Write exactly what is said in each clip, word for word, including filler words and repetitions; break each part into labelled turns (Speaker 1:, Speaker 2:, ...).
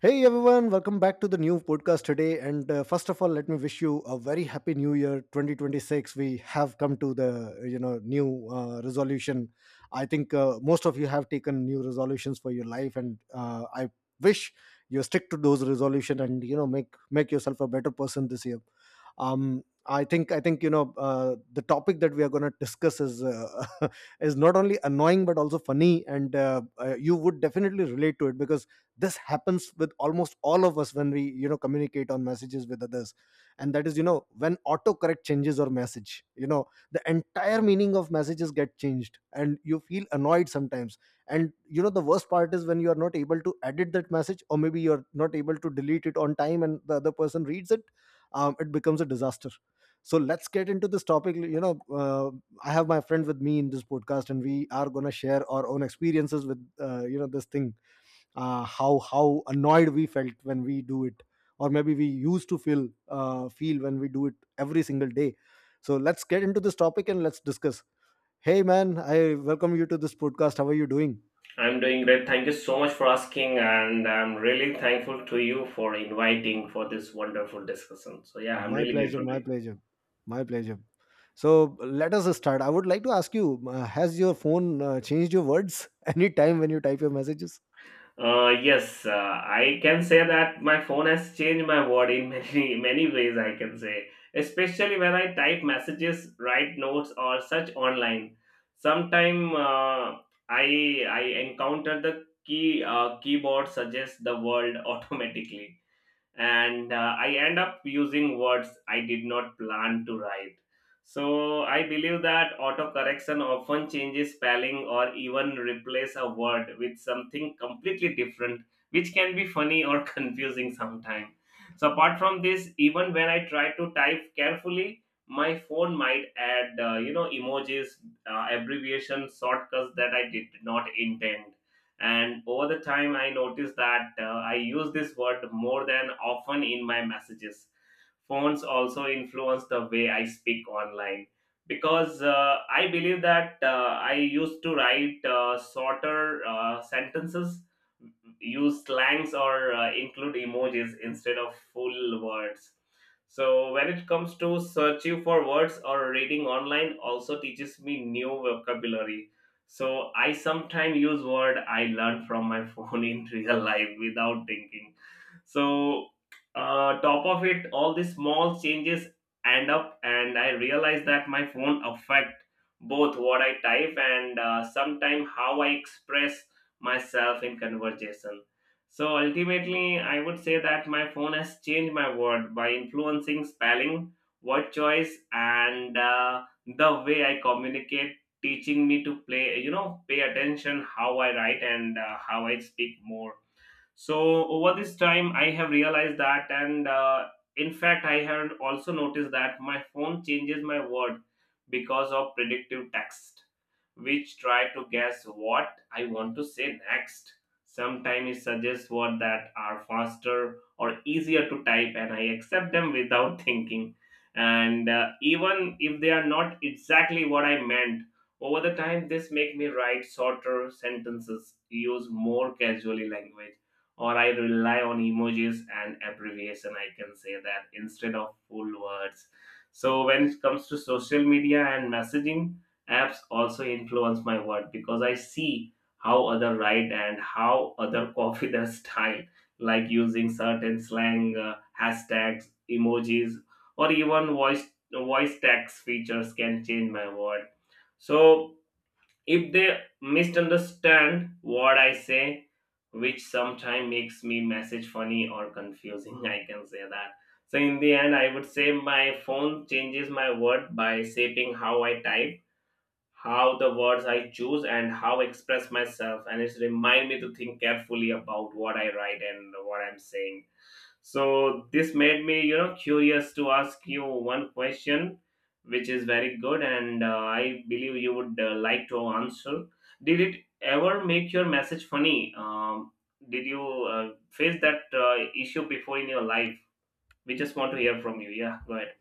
Speaker 1: Hey everyone, welcome back to the new podcast today. And uh, first of all, let me wish you a very happy new year twenty twenty-six. We have come to the you know new uh, resolution. I think uh, most of you have taken new resolutions for your life, and uh, I wish you stick to those resolution, and you know, make make yourself a better person this year. Um, I think I think you know uh, the topic that we are going to discuss is uh, is not only annoying but also funny, and uh, uh, you would definitely relate to it, because this happens with almost all of us when we, you know, communicate on messages with others. And that is, you know, when autocorrect changes our message, you know, the entire meaning of messages get changed and you feel annoyed sometimes. And you know the worst part is when you are not able to edit that message, or maybe you're not able to delete it on time and the other person reads it. um, it becomes a disaster. So let's get into this topic, you know. uh, I have my friend with me in this podcast, and we are going to share our own experiences with uh, you know, this thing. Uh, how how annoyed we felt when we do it, or maybe we used to feel uh, feel when we do it every single day. So let's get into this topic and let's discuss. Hey man, I welcome you to this podcast. How are you doing?
Speaker 2: I'm doing great. Thank you so much for asking, and I'm really thankful to you for inviting for this wonderful discussion. So yeah, I'm
Speaker 1: My
Speaker 2: really
Speaker 1: pleasure,
Speaker 2: grateful to
Speaker 1: my
Speaker 2: you.
Speaker 1: pleasure, my pleasure. So let us start. I would like to ask you, uh, has your phone uh, changed your words any time when you type your messages?
Speaker 2: Uh, yes, uh, I can say that my phone has changed my world in many many ways. I can say, especially when I type messages, write notes, or search online. Sometime uh, I I encounter the key uh, keyboard suggests the world automatically, and uh, I end up using words I did not plan to write. So I believe that autocorrection often changes spelling or even replace a word with something completely different, which can be funny or confusing sometimes. So apart from this, even when I try to type carefully, my phone might add uh, you know emojis, uh, abbreviations, shortcuts that I did not intend, and over the time I noticed that uh, I use this word more than often in my messages. Phones also influence the way I speak online, because uh, I believe that uh, I used to write uh, shorter uh, sentences, use slangs, or uh, include emojis instead of full words. So when it comes to searching for words or reading online also teaches me new vocabulary. So I sometimes use word I learned from my phone in real life without thinking. So, uh, top of it, all these small changes add up, and I realize that my phone affect both what I type and uh, sometimes how I express myself in conversation. So ultimately, I would say that my phone has changed my word by influencing spelling, word choice, and uh, the way I communicate, teaching me to play you know pay attention how I write and uh, how I speak more. So over this time, I have realized that, and uh, in fact, I have also noticed that my phone changes my word because of predictive text, which try to guess what I want to say next. Sometimes it suggests words that are faster or easier to type, and I accept them without thinking. And uh, even if they are not exactly what I meant, over the time, this make me write shorter sentences, use more casually language, or I rely on emojis and abbreviation. I can say that instead of full words. So when it comes to social media and messaging apps, also influence my word because I see how other write and how other copy their style, like using certain slang, uh, hashtags, emojis, or even voice voice text features can change my word. So if they misunderstand what I say, which sometimes makes me message funny or confusing, I can say that. So in the end, I would say my phone changes my word by shaping how I type, how the words I choose, and how I express myself, and it's remind me to think carefully about what I write and what I'm saying. So this made me, you know, curious to ask you one question, which is very good, and uh, I believe you would uh, like to answer. Did it ever make your message funny? Um, did you uh, face that uh, issue before in your life? We just want to hear from you. Yeah, go ahead.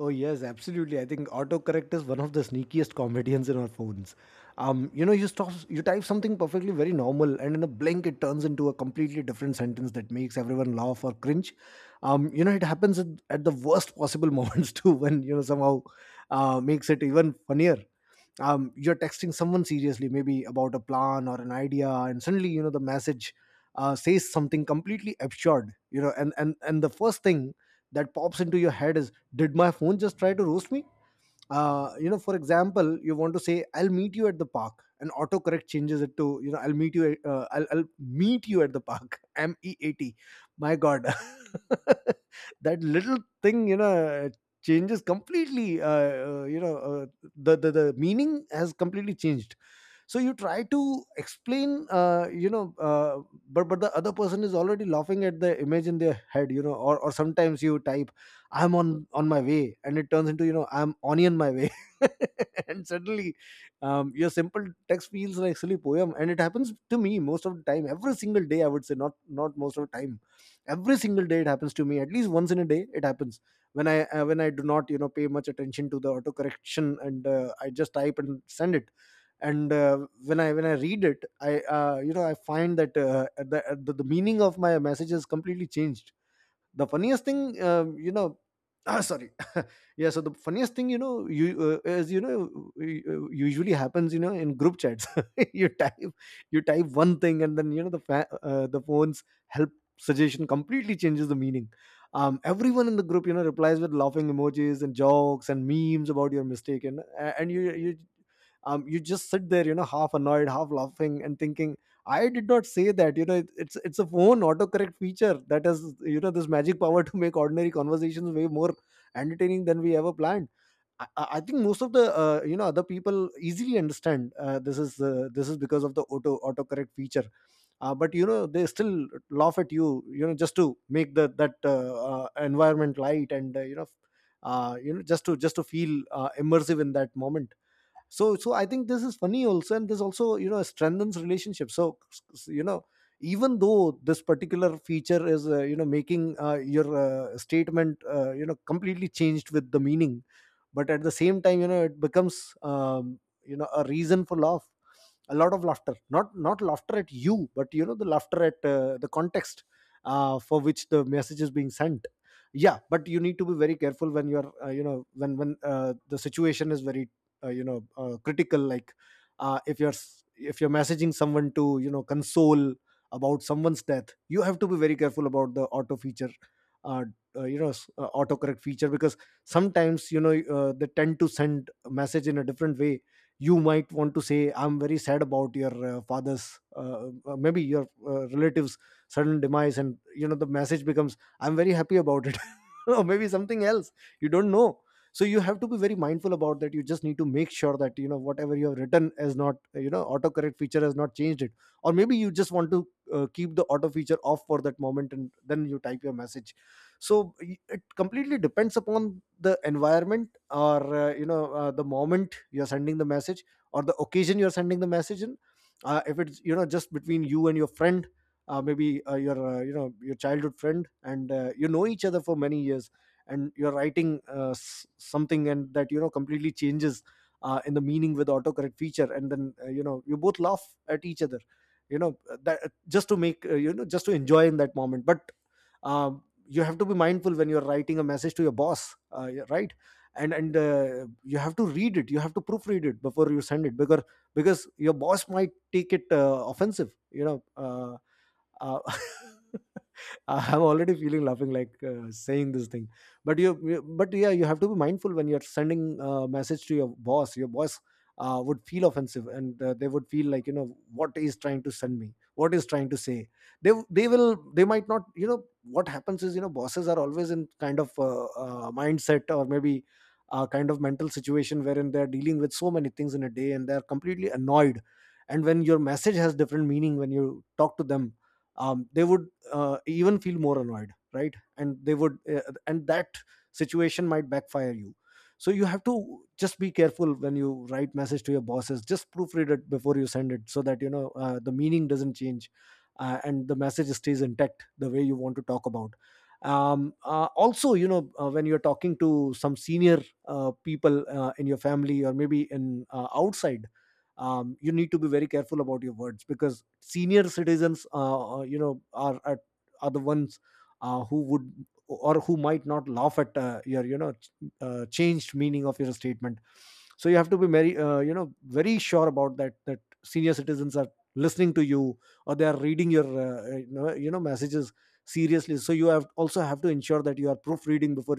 Speaker 1: Oh yes, absolutely. I think autocorrect is one of the sneakiest comedians in our phones. Um, you know, you stop, you type something perfectly very normal, and in a blink, it turns into a completely different sentence that makes everyone laugh or cringe. Um, you know, it happens at, at the worst possible moments too, when, you know, somehow uh, makes it even funnier. Um, you're texting someone seriously, maybe about a plan or an idea, and suddenly, you know, the message uh, says something completely absurd. You know, and and and the first thing that pops into your head is, did my phone just try to roast me? Uh, you know, for example, you want to say, I'll meet you at the park, and autocorrect changes it to, you know, i'll meet you at- uh, I'll, I'll, meet you at the park m e a t. My god, that little thing, you know, changes completely. uh, uh, you know uh, the, the the meaning has completely changed. So you try to explain, uh, you know uh, but but the other person is already laughing at the image in their head, you know. Or, or sometimes you type, I'm on on my way, and it turns into, you know, I'm onion my way. And suddenly, um, your simple text feels like silly poem. And it happens to me most of the time every single day, I would say. Not not most of the time, every single day it happens to me. At least once in a day it happens, when I uh, when I do not, you know, pay much attention to the autocorrection, and uh, I just type and send it. And uh, when I when i read it, I uh, you know, I find that uh, the, the the meaning of my message has completely changed. The funniest thing, um, you know, ah, sorry. Yeah, so the funniest thing, you know, you uh, is, you know, u- usually happens, you know, in group chats. You type, you type one thing, and then, you know, the fa- uh, the phone's help suggestion completely changes the meaning. um, everyone in the group, you know, replies with laughing emojis and jokes and memes about your mistake. And uh, and you you um, you just sit there, you know, half annoyed, half laughing and thinking, I did not say that. You know, it, it's it's a phone autocorrect feature that has, you know, this magic power to make ordinary conversations way more entertaining than we ever planned. I, I I think most of the uh, you know, other people easily understand uh, this is uh, this is because of the auto autocorrect feature. Uh, but you know, they still laugh at you. You know, just to make the that uh, uh, environment light. And uh, you know uh, you know just to just to feel uh, immersive in that moment. So so I think this is funny also, and this also, you know, strengthens relationship. So, you know, even though this particular feature is, uh, you know, making uh, your uh, statement, uh, you know, completely changed with the meaning, but at the same time, you know, it becomes, um, you know, a reason for laugh, a lot of laughter. Not not laughter at you, but, you know, the laughter at uh, the context uh, for which the message is being sent. Yeah, but you need to be very careful when you're, uh, you know, when when uh, the situation is very uh, you know uh, critical, like uh, if you're s- if you're messaging someone to, you know, console about someone's death. You have to be very careful about the auto feature. uh, uh, you know s- uh, autocorrect feature, because sometimes, you know, uh, they tend to send a message in a different way. You might want to say, I'm very sad about your uh, father's uh, uh, uh, maybe your uh, relatives sudden demise, and you know the message becomes, I'm very happy about it. Or maybe something else, you don't know. So you have to be very mindful about that. You just need to make sure that, you know, whatever you have written is not, you know, autocorrect feature has not changed it. Or maybe you just want to uh, keep the auto feature off for that moment and then you type your message. So y- it completely depends upon the environment, or uh, you know, uh, the moment you're sending the message, or the occasion you're sending the message in. Uh, if it's, you know, just between you and your friend, uh, maybe uh, your, uh, you know, your childhood friend, and, uh, you know each other for many years, and you're writing, uh, s- something, and that, you know, completely changes uh, in the meaning with autocorrect feature, and then, uh, you know, you both laugh at each other, you know that, just to make, uh, you know, just to enjoy in that moment. But um, you have to be mindful when you're writing a message to your boss, uh, yeah, right. And and uh, you have to read it, you have to proofread it before you send it, because because your boss might take it uh, offensive, you know. uh, uh, I'm already feeling laughing like, uh, saying this thing. But you, you- but yeah, you have to be mindful when you're sending a message to your boss. Your boss uh, would feel offensive, and uh, they would feel like, you know, what is trying to send me, what is trying to say. They they will they might not, you know, what happens is, you know, bosses are always in kind of uh, uh, mindset, or maybe a kind of mental situation wherein they're dealing with so many things in a day, and they're completely annoyed. And when your message has different meaning when you talk to them, um, they would uh, even feel more annoyed, right? And they would, uh, and that situation might backfire you. So you have to just be careful when you write message to your bosses. Just proofread it before you send it, so that, you know, uh, the meaning doesn't change, uh, and the message stays intact the way you want to talk about. um, uh, also, you know, uh, when you're talking to some senior uh, people, uh, in your family, or maybe in uh, outside, um, you need to be very careful about your words, because senior citizens, uh, uh, you know are are are the ones uh, who would, or who might not laugh at uh, your, you know, ch- uh, changed meaning of your statement. So you have to be very, uh, you know very sure about that, that senior citizens are listening to you, or they are reading your, uh, you know you know, messages seriously. So you have also have to ensure that you are proofreading before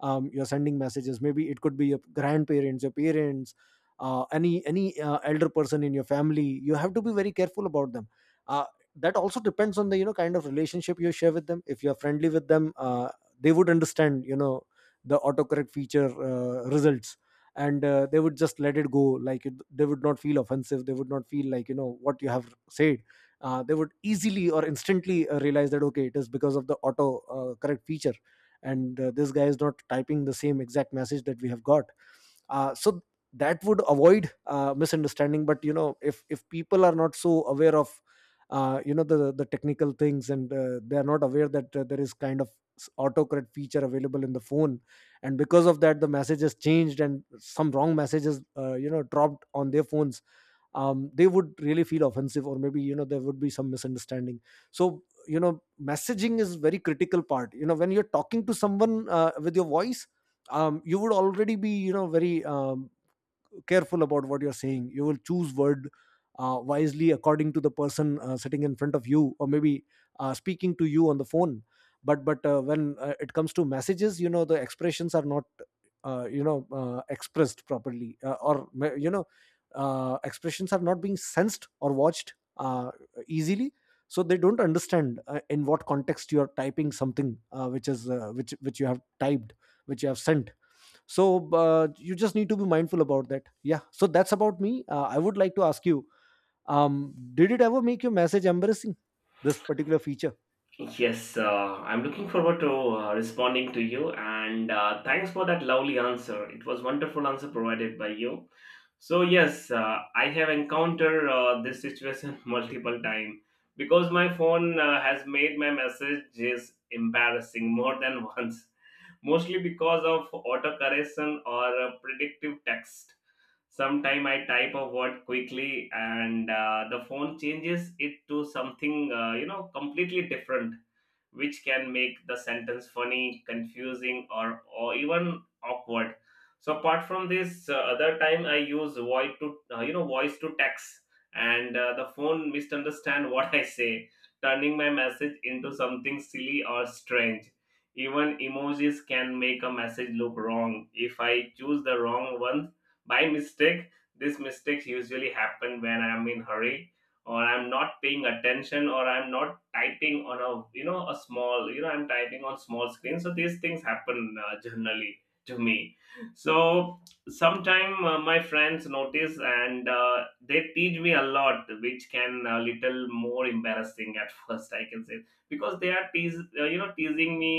Speaker 1: um, you're sending messages. Maybe it could be your grandparents, your parents, uh, any any uh, elder person in your family. You have to be very careful about them. uh, that also depends on the, you know, kind of relationship you share with them. If you're friendly with them, uh, they would understand, you know, the autocorrect feature uh, results, and uh, they would just let it go. Like it, they would not feel offensive, they would not feel like, you know, what you have said. Uh, they would easily or instantly uh, realize that okay, it is because of the auto uh, correct feature, and uh, this guy is not typing the same exact message that we have got. Uh, so that would avoid uh, misunderstanding. But you know, if if people are not so aware of uh, you know, the the technical things, and uh, they are not aware that uh, there is kind of s- autocorrect feature available in the phone, and because of that the message is changed and some wrong messages, uh, you know, dropped on their phones, um, they would really feel offensive, or maybe, you know, there would be some misunderstanding. So you know, messaging is very critical part. You know, when you're talking to someone uh, with your voice, um, you would already be, you know, very um, careful about what you're saying. You will choose word uh, wisely according to the person uh, sitting in front of you, or maybe uh, speaking to you on the phone. But but uh, when uh, it comes to messages, you know, the expressions are not uh, you know, uh, expressed properly, uh, or ma- you know, uh, expressions are not being sensed or watched uh, easily. So they don't understand, uh, in what context you are typing something, uh, which is uh, which which you have typed, which you have sent. So uh, you just need to be mindful about that. Yeah, so that's about me. uh, I would like to ask you, um, did it ever make your message embarrassing, this particular feature?
Speaker 2: Yes, uh, I'm looking forward to uh, responding to you, and uh, thanks for that lovely answer. It was wonderful answer provided by you. So yes, uh, I have encountered uh, this situation multiple time, because my phone uh, has made my messages embarrassing more than once, mostly because of autocorrection or uh, predictive text. Sometime I type a word quickly and uh, the phone changes it to something uh, you know completely different, which can make the sentence funny, confusing, or or even awkward. So apart from this, uh, other time I use voice to uh, you know voice to text, and uh, the phone misunderstand what I say, turning my message into something silly or strange. Even emojis can make a message look wrong if I choose the wrong one by mistake. These mistakes usually happen when I'm in hurry, or I'm not paying attention, or I'm not typing on a you know a small, you know I'm typing on small screen, so these things happen uh, generally to me. So sometime uh, my friends notice, and uh, they teach me a lot, which can a little more embarrassing at first, I can say, because they are teas uh, you know teasing me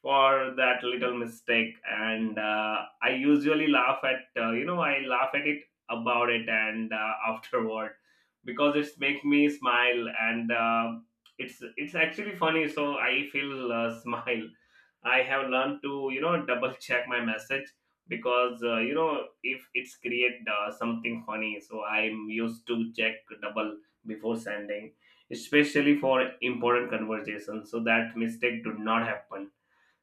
Speaker 2: for that little mistake. And uh, I usually laugh at uh, you know I laugh at it about it, and uh, afterward, because it's make me smile, and uh, it's it's actually funny, so I feel uh, smile. I have learned to, you know, double check my message, because uh, you know if it's create uh, something funny, so I'm used to check double before sending, especially for important conversations, so that mistake do not happen.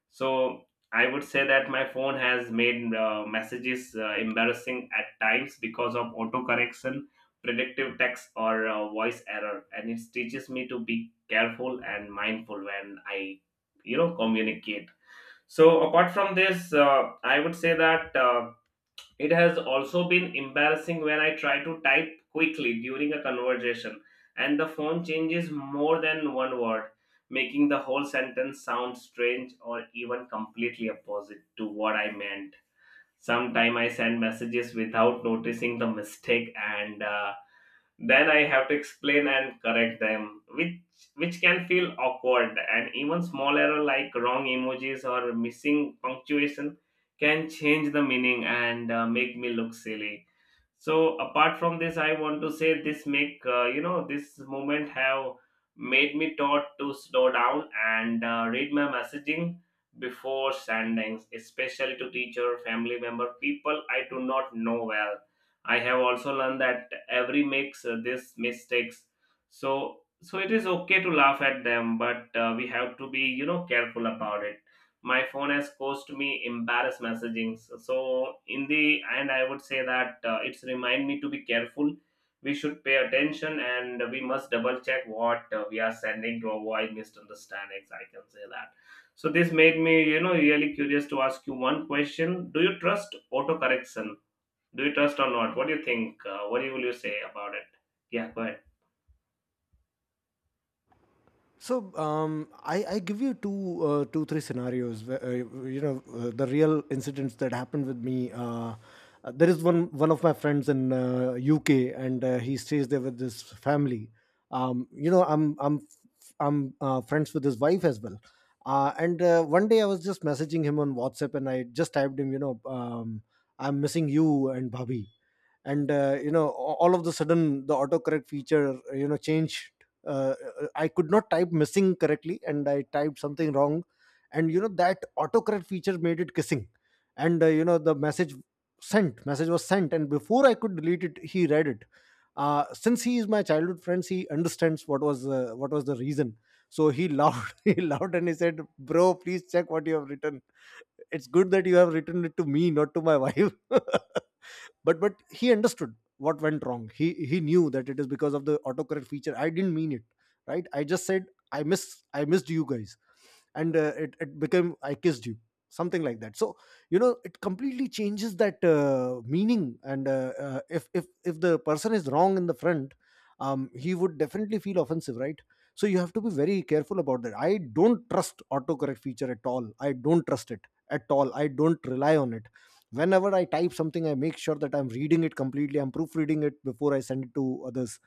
Speaker 2: So I would say that my phone has made uh, messages uh, embarrassing at times because of autocorrection, predictive text, or uh, voice error, and it teaches me to be careful and mindful when I, you know, communicate. So apart from this, uh, I would say that. Uh, it has also been embarrassing when I try to type quickly during a conversation and the phone changes more than one word, making the whole sentence sound strange or even completely opposite to what I meant. Sometimes I send messages without noticing the mistake, and uh, then I have to explain and correct them, which which can feel awkward, and even small error like wrong emojis or missing punctuation can change the meaning and uh, make me look silly. So apart from this, I want to say this make, uh, you know this moment have made me taught to slow down and uh, read my messaging before sending, especially to teacher, family member, people I do not know well. I have also learned that every makes uh, this mistakes. So so it is okay to laugh at them, but uh, we have to be, you know, careful about it. My phone has caused me embarrassed messaging. So so in the end, I would say that uh, it's remind me to be careful. We should pay attention and we must double check what uh, we are sending to avoid misunderstandings. I can say that. So this made me, you know, really curious to ask you one question. Do you trust autocorrection? Do you trust or not? What do you think? Uh, what will you say about it? Yeah, go ahead.
Speaker 1: So um, I, I give you two, uh, two, three scenarios, where, Uh, you know, uh, the real incidents that happened with me. Uh, uh, there is one one of my friends in, uh, U K, and uh, he stays there with his family. Um, you know, I'm I'm I'm uh, friends with his wife as well. Uh, and uh, One day I was just messaging him on WhatsApp, and I just typed him, you know, um, I'm missing you and Bobby. And uh, you know, a- all of the sudden the autocorrect feature, uh, you know, changed. uh, uh, I could not type missing correctly and I typed something wrong, and you know that autocorrect feature made it kissing. And uh, you know, the message, sent message was sent, and before I could delete it he read it. Uh, since he is my childhood friends, he understands what was, uh, what was the reason. So he laughed he laughed, and he said, bro, please check what you have written. It's good that you have written it to me, not to my wife. but but he understood what went wrong. he he knew that it is because of the autocorrect feature, I didn't mean it, right? I just said I miss, I missed you guys, and uh, it, it became I kissed you, something like that. So you know, it completely changes that uh, meaning. And uh, uh, if if if the person is wrong in the front, um, he would definitely feel offensive, right? So you have to be very careful about that. I don't trust autocorrect feature at all. I don't trust it at all. I don't rely on it. Whenever I type something, I make sure that I'm reading it completely, I'm proofreading it before I send it to others,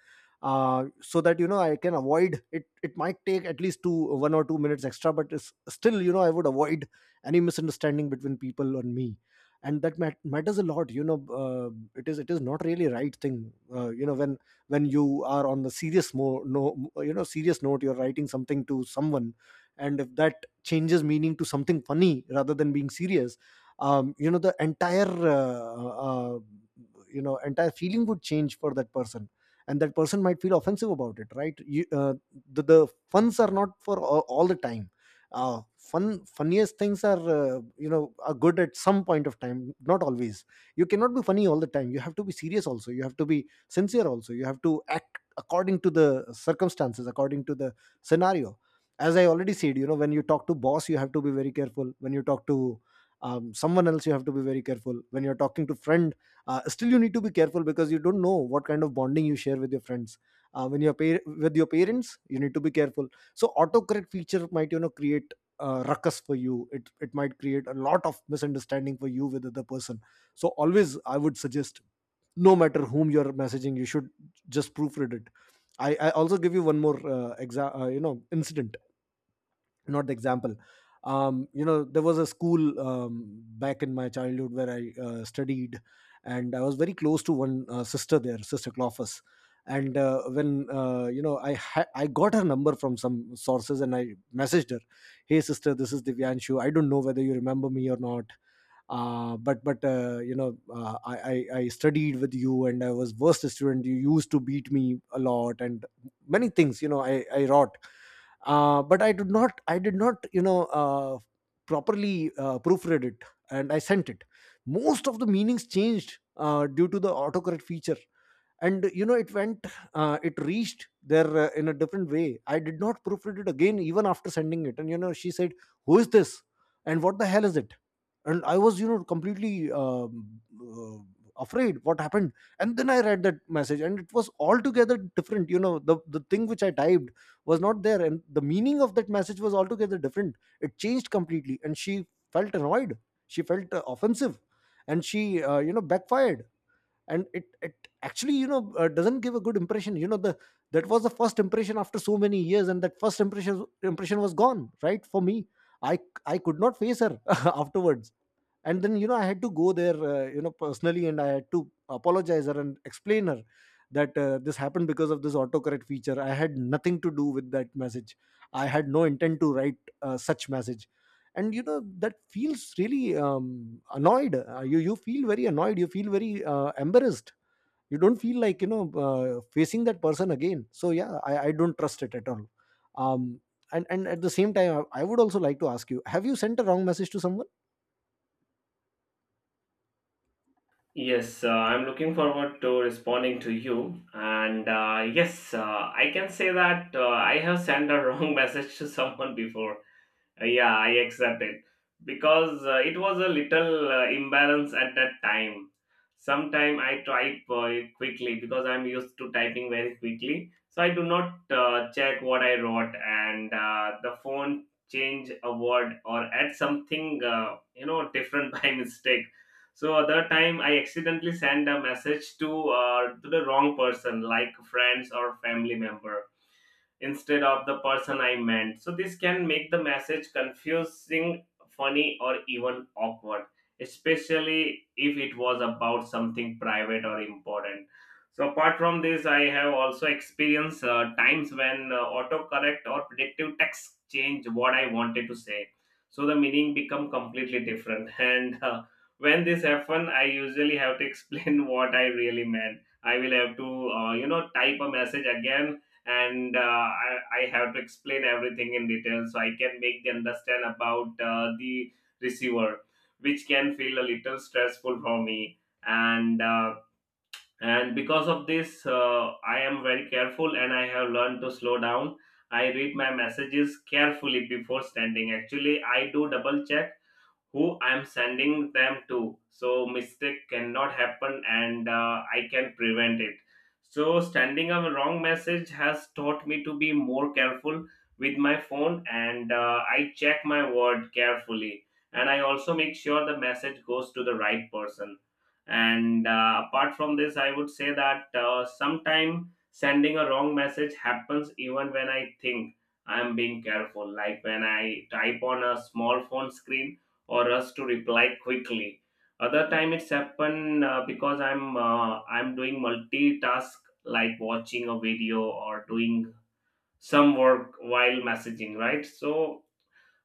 Speaker 1: uh, so that you know I can avoid it. It might take at least two, one or two minutes extra, but it's still, you know, I would avoid any misunderstanding between people and me, and that mat- matters a lot, you know. uh, it is, it is not really right thing. Uh, you know, when when you are on the serious mo- no, you know, serious note, you're writing something to someone, and if that changes meaning to something funny rather than being serious, um, you know, the entire, uh, uh, uh, you know, entire feeling would change for that person, and that person might feel offensive about it, right? You, uh, the, the funs are not for all, all the time. Uh, fun, funniest things are, uh, you know, are good at some point of time, not always. You cannot be funny all the time. You have to be serious also, you have to be sincere also, you have to act according to the circumstances, according to the scenario. As I already said, you know, when you talk to boss, you have to be very careful. When you talk to um, someone else, you have to be very careful. When you're talking to friend, uh, still you need to be careful, because you don't know what kind of bonding you share with your friends. Uh, when you're par- with your parents, you need to be careful. So autocorrect feature might, you know, create uh, ruckus for you. it it might create a lot of misunderstanding for you with other person. So always I would suggest, no matter whom you're messaging, you should just proofread it. I, I also give you one more uh, exa- uh, you know, incident, not the example. Um, you know, there was a school, um, back in my childhood where I uh, studied, and I was very close to one uh, sister there, sister Clophus. And uh, when, uh, you know, I ha- I got her number from some sources, and I messaged her, hey sister, this is Divyanshu, I don't know whether you remember me or not. Uh, but but uh, you know, uh, I, I I studied with you and I was worst student. You used to beat me a lot and many things. You know I I wrought, uh, but i did not I did not, you know, uh, properly uh, proofread it, and I sent it. Most of the meanings changed uh, due to the autocorrect feature, and you know, it went, uh, it reached there uh, in a different way. I did not proofread it again, even after sending it, and you know, she said, who is this, and what the hell is it? And I was, you know, completely, um, uh, afraid, what happened? And then I read that message, and it was altogether different. You know, the the thing which I typed was not there, and the meaning of that message was altogether different. It changed completely, and she felt annoyed. She felt, uh, offensive. And she, uh, you know, backfired. And it it actually, you know, uh, doesn't give a good impression. You know, the that was the first impression after so many years, and that first impression, impression was gone, right? For me, i i could not face her afterwards. And then, you know, I had to go there, uh, you know, personally, and I had to apologize her and explain her that, uh, this happened because of this autocorrect feature. I had nothing to do with that message. I had no intent to write uh, such message. And you know, that feels really, um, annoyed. Uh, you, you feel very annoyed, you feel very, uh, embarrassed. You don't feel like, you know, uh, facing that person again. So yeah, i, I don't trust it at all. Um, and and at the same time, I, I would also like to ask you, have you sent a wrong message to someone?
Speaker 2: Yes, uh, I'm looking forward to responding to you. And uh, yes, uh, I can say that uh, I have sent a wrong message to someone before. Uh, Yeah, I accept it because uh, it was a little uh, imbalance at that time. Sometime I type uh, quickly because I'm used to typing very quickly, so I do not uh, check what I wrote, and uh, the phone change a word or add something uh, you know different by mistake. So other time I accidentally send a message to uh, to the wrong person, like friends or family member, instead of the person I meant. So this can make the message confusing, funny, or even awkward, especially if it was about something private or important. So apart from this, I have also experienced uh, times when uh, autocorrect or predictive text change what I wanted to say. So the meaning become completely different. And uh, when this happen, I usually have to explain what I really meant. I will have to, uh, you know, type a message again, and uh, I, I have to explain everything in detail so I can make them understand about uh, the receiver, which can feel a little stressful for me. And uh, and because of this, uh, I am very careful and I have learned to slow down. I read my messages carefully before sending. Actually, I do double check who I'm sending them to. So mistake cannot happen, and uh, I can prevent it. So sending a wrong message has taught me to be more careful with my phone, and uh, I check my word carefully, and I also make sure the message goes to the right person. And uh, apart from this, I would say that uh, sometimes sending a wrong message happens even when I think I'm being careful, like when I type on a small phone screen, or rush to reply quickly. Other time it's happen uh, because I'm uh, I'm doing multitask, like watching a video or doing some work while messaging, right? So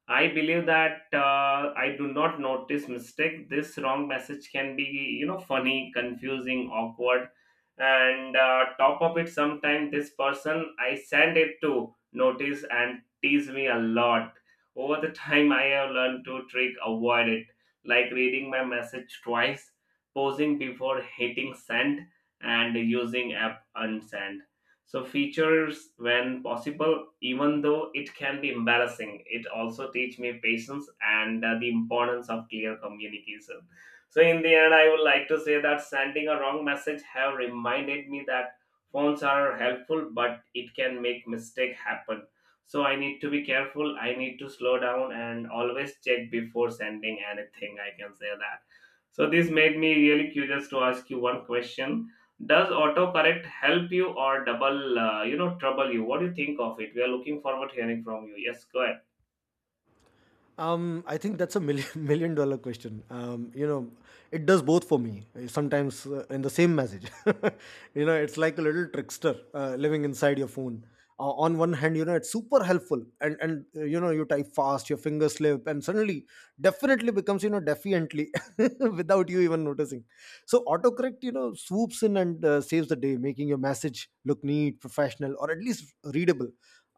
Speaker 2: I believe that uh, I do not notice mistake. This wrong message can be, you know, funny, confusing, awkward, and uh, top of it, sometimes this person I send it to notice and tease me a lot. Over the time, I have learned to trick avoid it, like reading my message twice, pausing before hitting send, and using app unsend so features when possible. Even though it can be embarrassing, it also teach me patience and uh, the importance of clear communication. So in the end, I would like to say that sending a wrong message have reminded me that phones are helpful, but it can make mistake happen. So I need to be careful. I need to slow down and always check before sending anything. I can say that. So this made me really curious to ask you one question: does autocorrect help you or double, uh, you know, trouble you? What do you think of it? We are looking forward to hearing from you. Yes, go ahead.
Speaker 1: Um, I think that's a million million dollar question. Um, you know, it does both for me. uh, Sometimes uh, in the same message, you know, it's like a little trickster uh, living inside your phone. Uh, on one hand, you know, it's super helpful, and and uh, you know, you type fast, your fingers slip, and suddenly definitely becomes, you know, defiantly without you even noticing. So autocorrect, you know, swoops in and, uh, saves the day, making your message look neat, professional, or at least readable.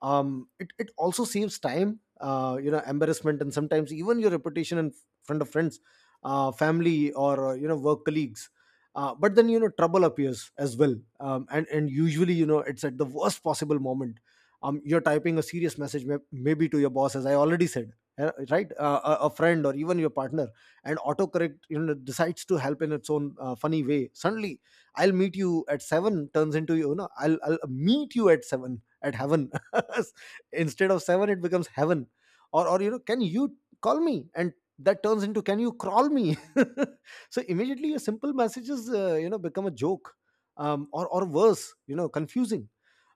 Speaker 1: Um, it it also saves time, uh, you know embarrassment, and sometimes even your reputation in front of friends, uh, family, or uh, you know work colleagues. Uh, but then you know trouble appears as well, um, and and usually, you know it's at the worst possible moment. Um, you're typing a serious message, may- maybe to your boss, as I already said, uh, right uh, a a friend, or even your partner, and autocorrect, you know decides to help in its own uh, funny way. Suddenly "I'll meet you at seven" turns into, you know I'll, I'll meet you at seven at heaven." Instead of seven, it becomes heaven. Or, or you know, "can you call me?" and that turns into "can you crawl me?" So immediately, your simple messages uh, you know become a joke, um, or or worse, you know, confusing.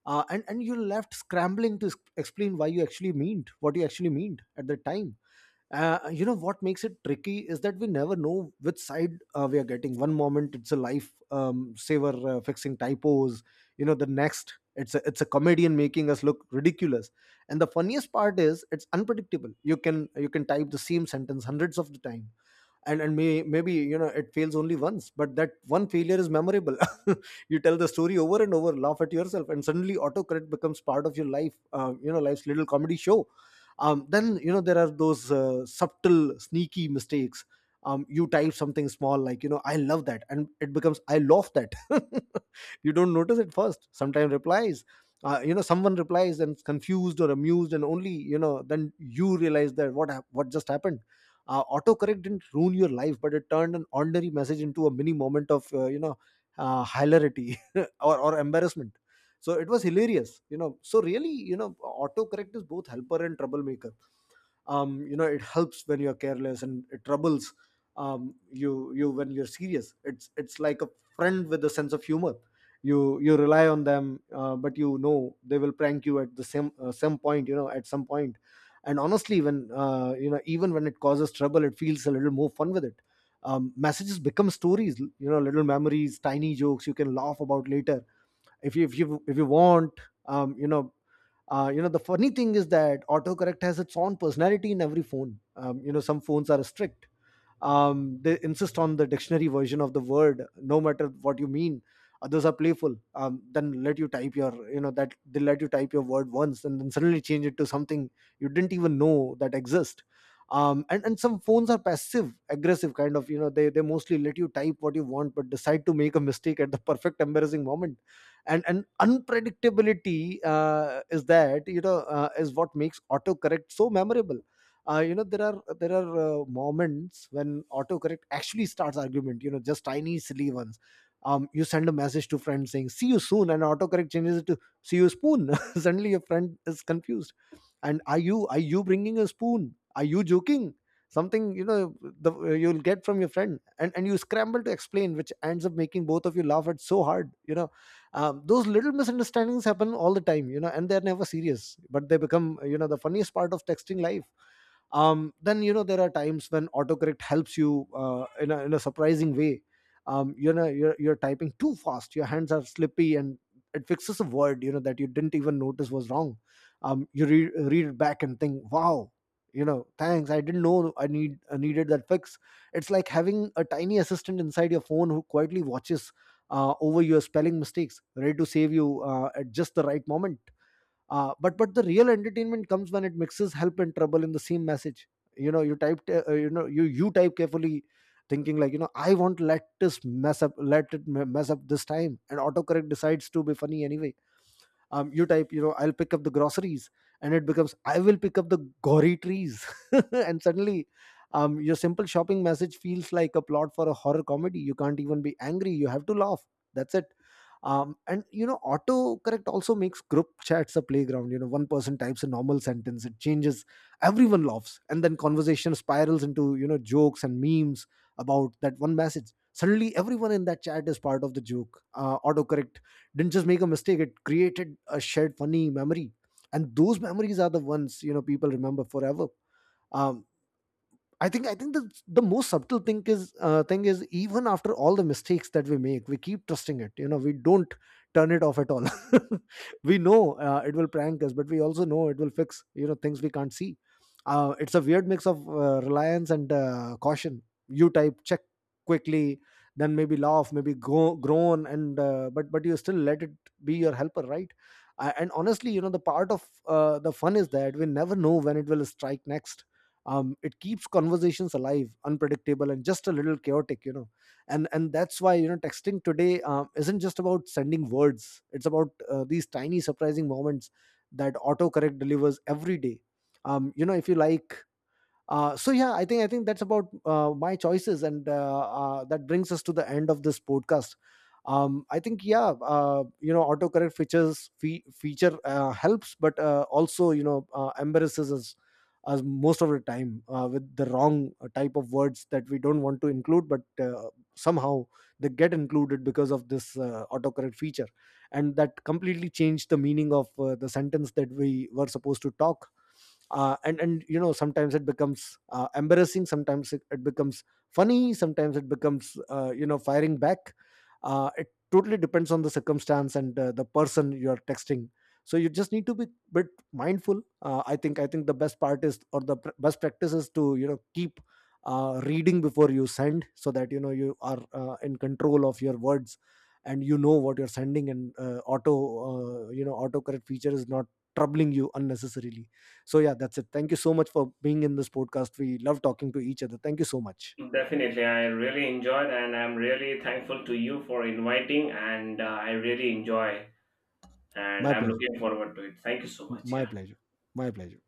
Speaker 1: Uh, and and you're left scrambling to s- explain why you actually meant what you actually meant at the time. Uh, you know, what makes it tricky is that we never know which side uh, we are getting. One moment it's a life um, saver, uh, fixing typos, you know, the next it's a, it's a comedian, making us look ridiculous. And the funniest part is, it's unpredictable. You can, you can type the same sentence hundreds of the time, and and may, maybe you know, it fails only once, but that one failure is memorable. You tell the story over and over, laugh at yourself, and suddenly autocorrect becomes part of your life, um, you know, life's little comedy show. Um, then, you know, there are those uh, subtle, sneaky mistakes. Um, you type something small, like, you know, "I love that" and it becomes "I love that." You don't notice it first. Sometimes replies — uh, you know, someone replies and is confused or amused, and only, you know, then you realize that what hap- what just happened. Uh, autocorrect didn't ruin your life, but it turned an ordinary message into a mini moment of, uh, you know uh, hilarity, or, or embarrassment. So it was hilarious, you know. So really, you know, autocorrect is both helper and troublemaker. Um, you know, it helps when you're careless, and it troubles um, you you when you're serious. It's it's like a friend with a sense of humor. You, you rely on them, uh, but you know, they will prank you at the same uh, some point you know at some point point. And honestly, when, uh, you know even when it causes trouble, it feels a little more fun with it. Um, messages become stories, you know, little memories, tiny jokes you can laugh about later, if you if you if you want. um, you know uh, you know, the funny thing is that autocorrect has its own personality in every phone. Um, you know, some phones are strict. Um, they insist on the dictionary version of the word, no matter what you mean. Others are playful. Um, then let you type your you know that They let you type your word once, and then suddenly change it to something you didn't even know that exist. Um, and and some phones are passive aggressive, kind of, you know. They they mostly let you type what you want, but decide to make a mistake at the perfect embarrassing moment. And and unpredictability uh, is that, you know, uh, is what makes autocorrect so memorable. Uh, you know, there are there are uh, moments when autocorrect actually starts argument, you know, just tiny silly ones. Um, you send a message to friends saying "see you soon" and autocorrect changes it to "see you spoon." Suddenly your friend is confused. And are you are you bringing a spoon, are you joking — something, you know, the, you'll get from your friend, and and you scramble to explain, which ends up making both of you laugh at so hard, you know. Um, those little misunderstandings happen all the time, you know, and they're never serious, but they become, you know, the funniest part of texting life. Um, then, you know, there are times when autocorrect helps you uh, in, a, in a surprising way. Um, you know, you're, you're typing too fast, your hands are slippy, and it fixes a word, you know, that you didn't even notice was wrong. Um, you read, read it back and think, wow, you know, thanks, I didn't know I need i needed that fix. It's like having a tiny assistant inside your phone, who quietly watches uh, over your spelling mistakes, ready to save you uh, at just the right moment. Uh, but but the real entertainment comes when it mixes help and trouble in the same message. You know, you type uh, uh, you know you you type carefully, thinking, like, you know, "I won't let this mess up, let it me- mess up this time" and autocorrect decides to be funny anyway. Um, you type, you know, "I'll pick up the groceries" and it becomes "I will pick up the gory trees." And suddenly, um, your simple shopping message feels like a plot for a horror comedy. You can't even be angry, you have to laugh. That's it. Um, and, you know, autocorrect also makes group chats a playground. You know, one person types a normal sentence, it changes, everyone laughs, and then conversation spirals into, you know, jokes and memes about that one message. Suddenly everyone in that chat is part of the joke. Uh, autocorrect didn't just make a mistake, it created a shared funny memory, and those memories are the ones, you know, people remember forever. Um, I think I think the the most subtle thing is uh, thing is even after all the mistakes that we make, we keep trusting it. You know, we don't turn it off at all. We know uh, it will prank us, but we also know it will fix, you know, things we can't see. Uh, it's a weird mix of uh, reliance and uh, caution. You type check quickly, then maybe laugh, maybe go, groan, and uh, but but you still let it be your helper, right? Uh, and honestly, you know, the part of uh, the fun is that we never know when it will strike next. Um, it keeps conversations alive, unpredictable, and just a little chaotic, you know. And and that's why, you know, texting today um, isn't just about sending words, it's about uh, these tiny surprising moments that autocorrect delivers every day. Um, you know if you like uh, So yeah, i think i think that's about uh, my choices, and uh, uh, that brings us to the end of this podcast. um, I think, yeah, uh, you know, autocorrect features fe- feature uh, helps, but uh, also, you know, uh, embarrasses us us most of the time uh, with the wrong type of words that we don't want to include, but uh, somehow they get included because of this uh, autocorrect feature, and that completely changed the meaning of uh, the sentence that we were supposed to talk. Uh, and and you know, sometimes it becomes uh, embarrassing, sometimes it, it becomes funny, sometimes it becomes uh, you know, firing back. Uh, it totally depends on the circumstance and uh, the person you are texting. So you just need to be bit mindful. Uh, i think i think the best part is, or the pr- best practice is, to, you know, keep uh, reading before you send, so that you know you are uh, in control of your words and you know what you're sending, and uh, auto uh, you know, autocorrect feature is not troubling you unnecessarily. So yeah, that's it. Thank you so much for being in this podcast. We love talking to each other. Thank you so much.
Speaker 2: Definitely, I really enjoyed, and I'm really thankful to you for inviting, and uh, I really enjoy, and
Speaker 1: My
Speaker 2: I'm
Speaker 1: pleasure.
Speaker 2: looking forward to it. Thank you so much.
Speaker 1: My
Speaker 2: Yeah.
Speaker 1: pleasure. My pleasure.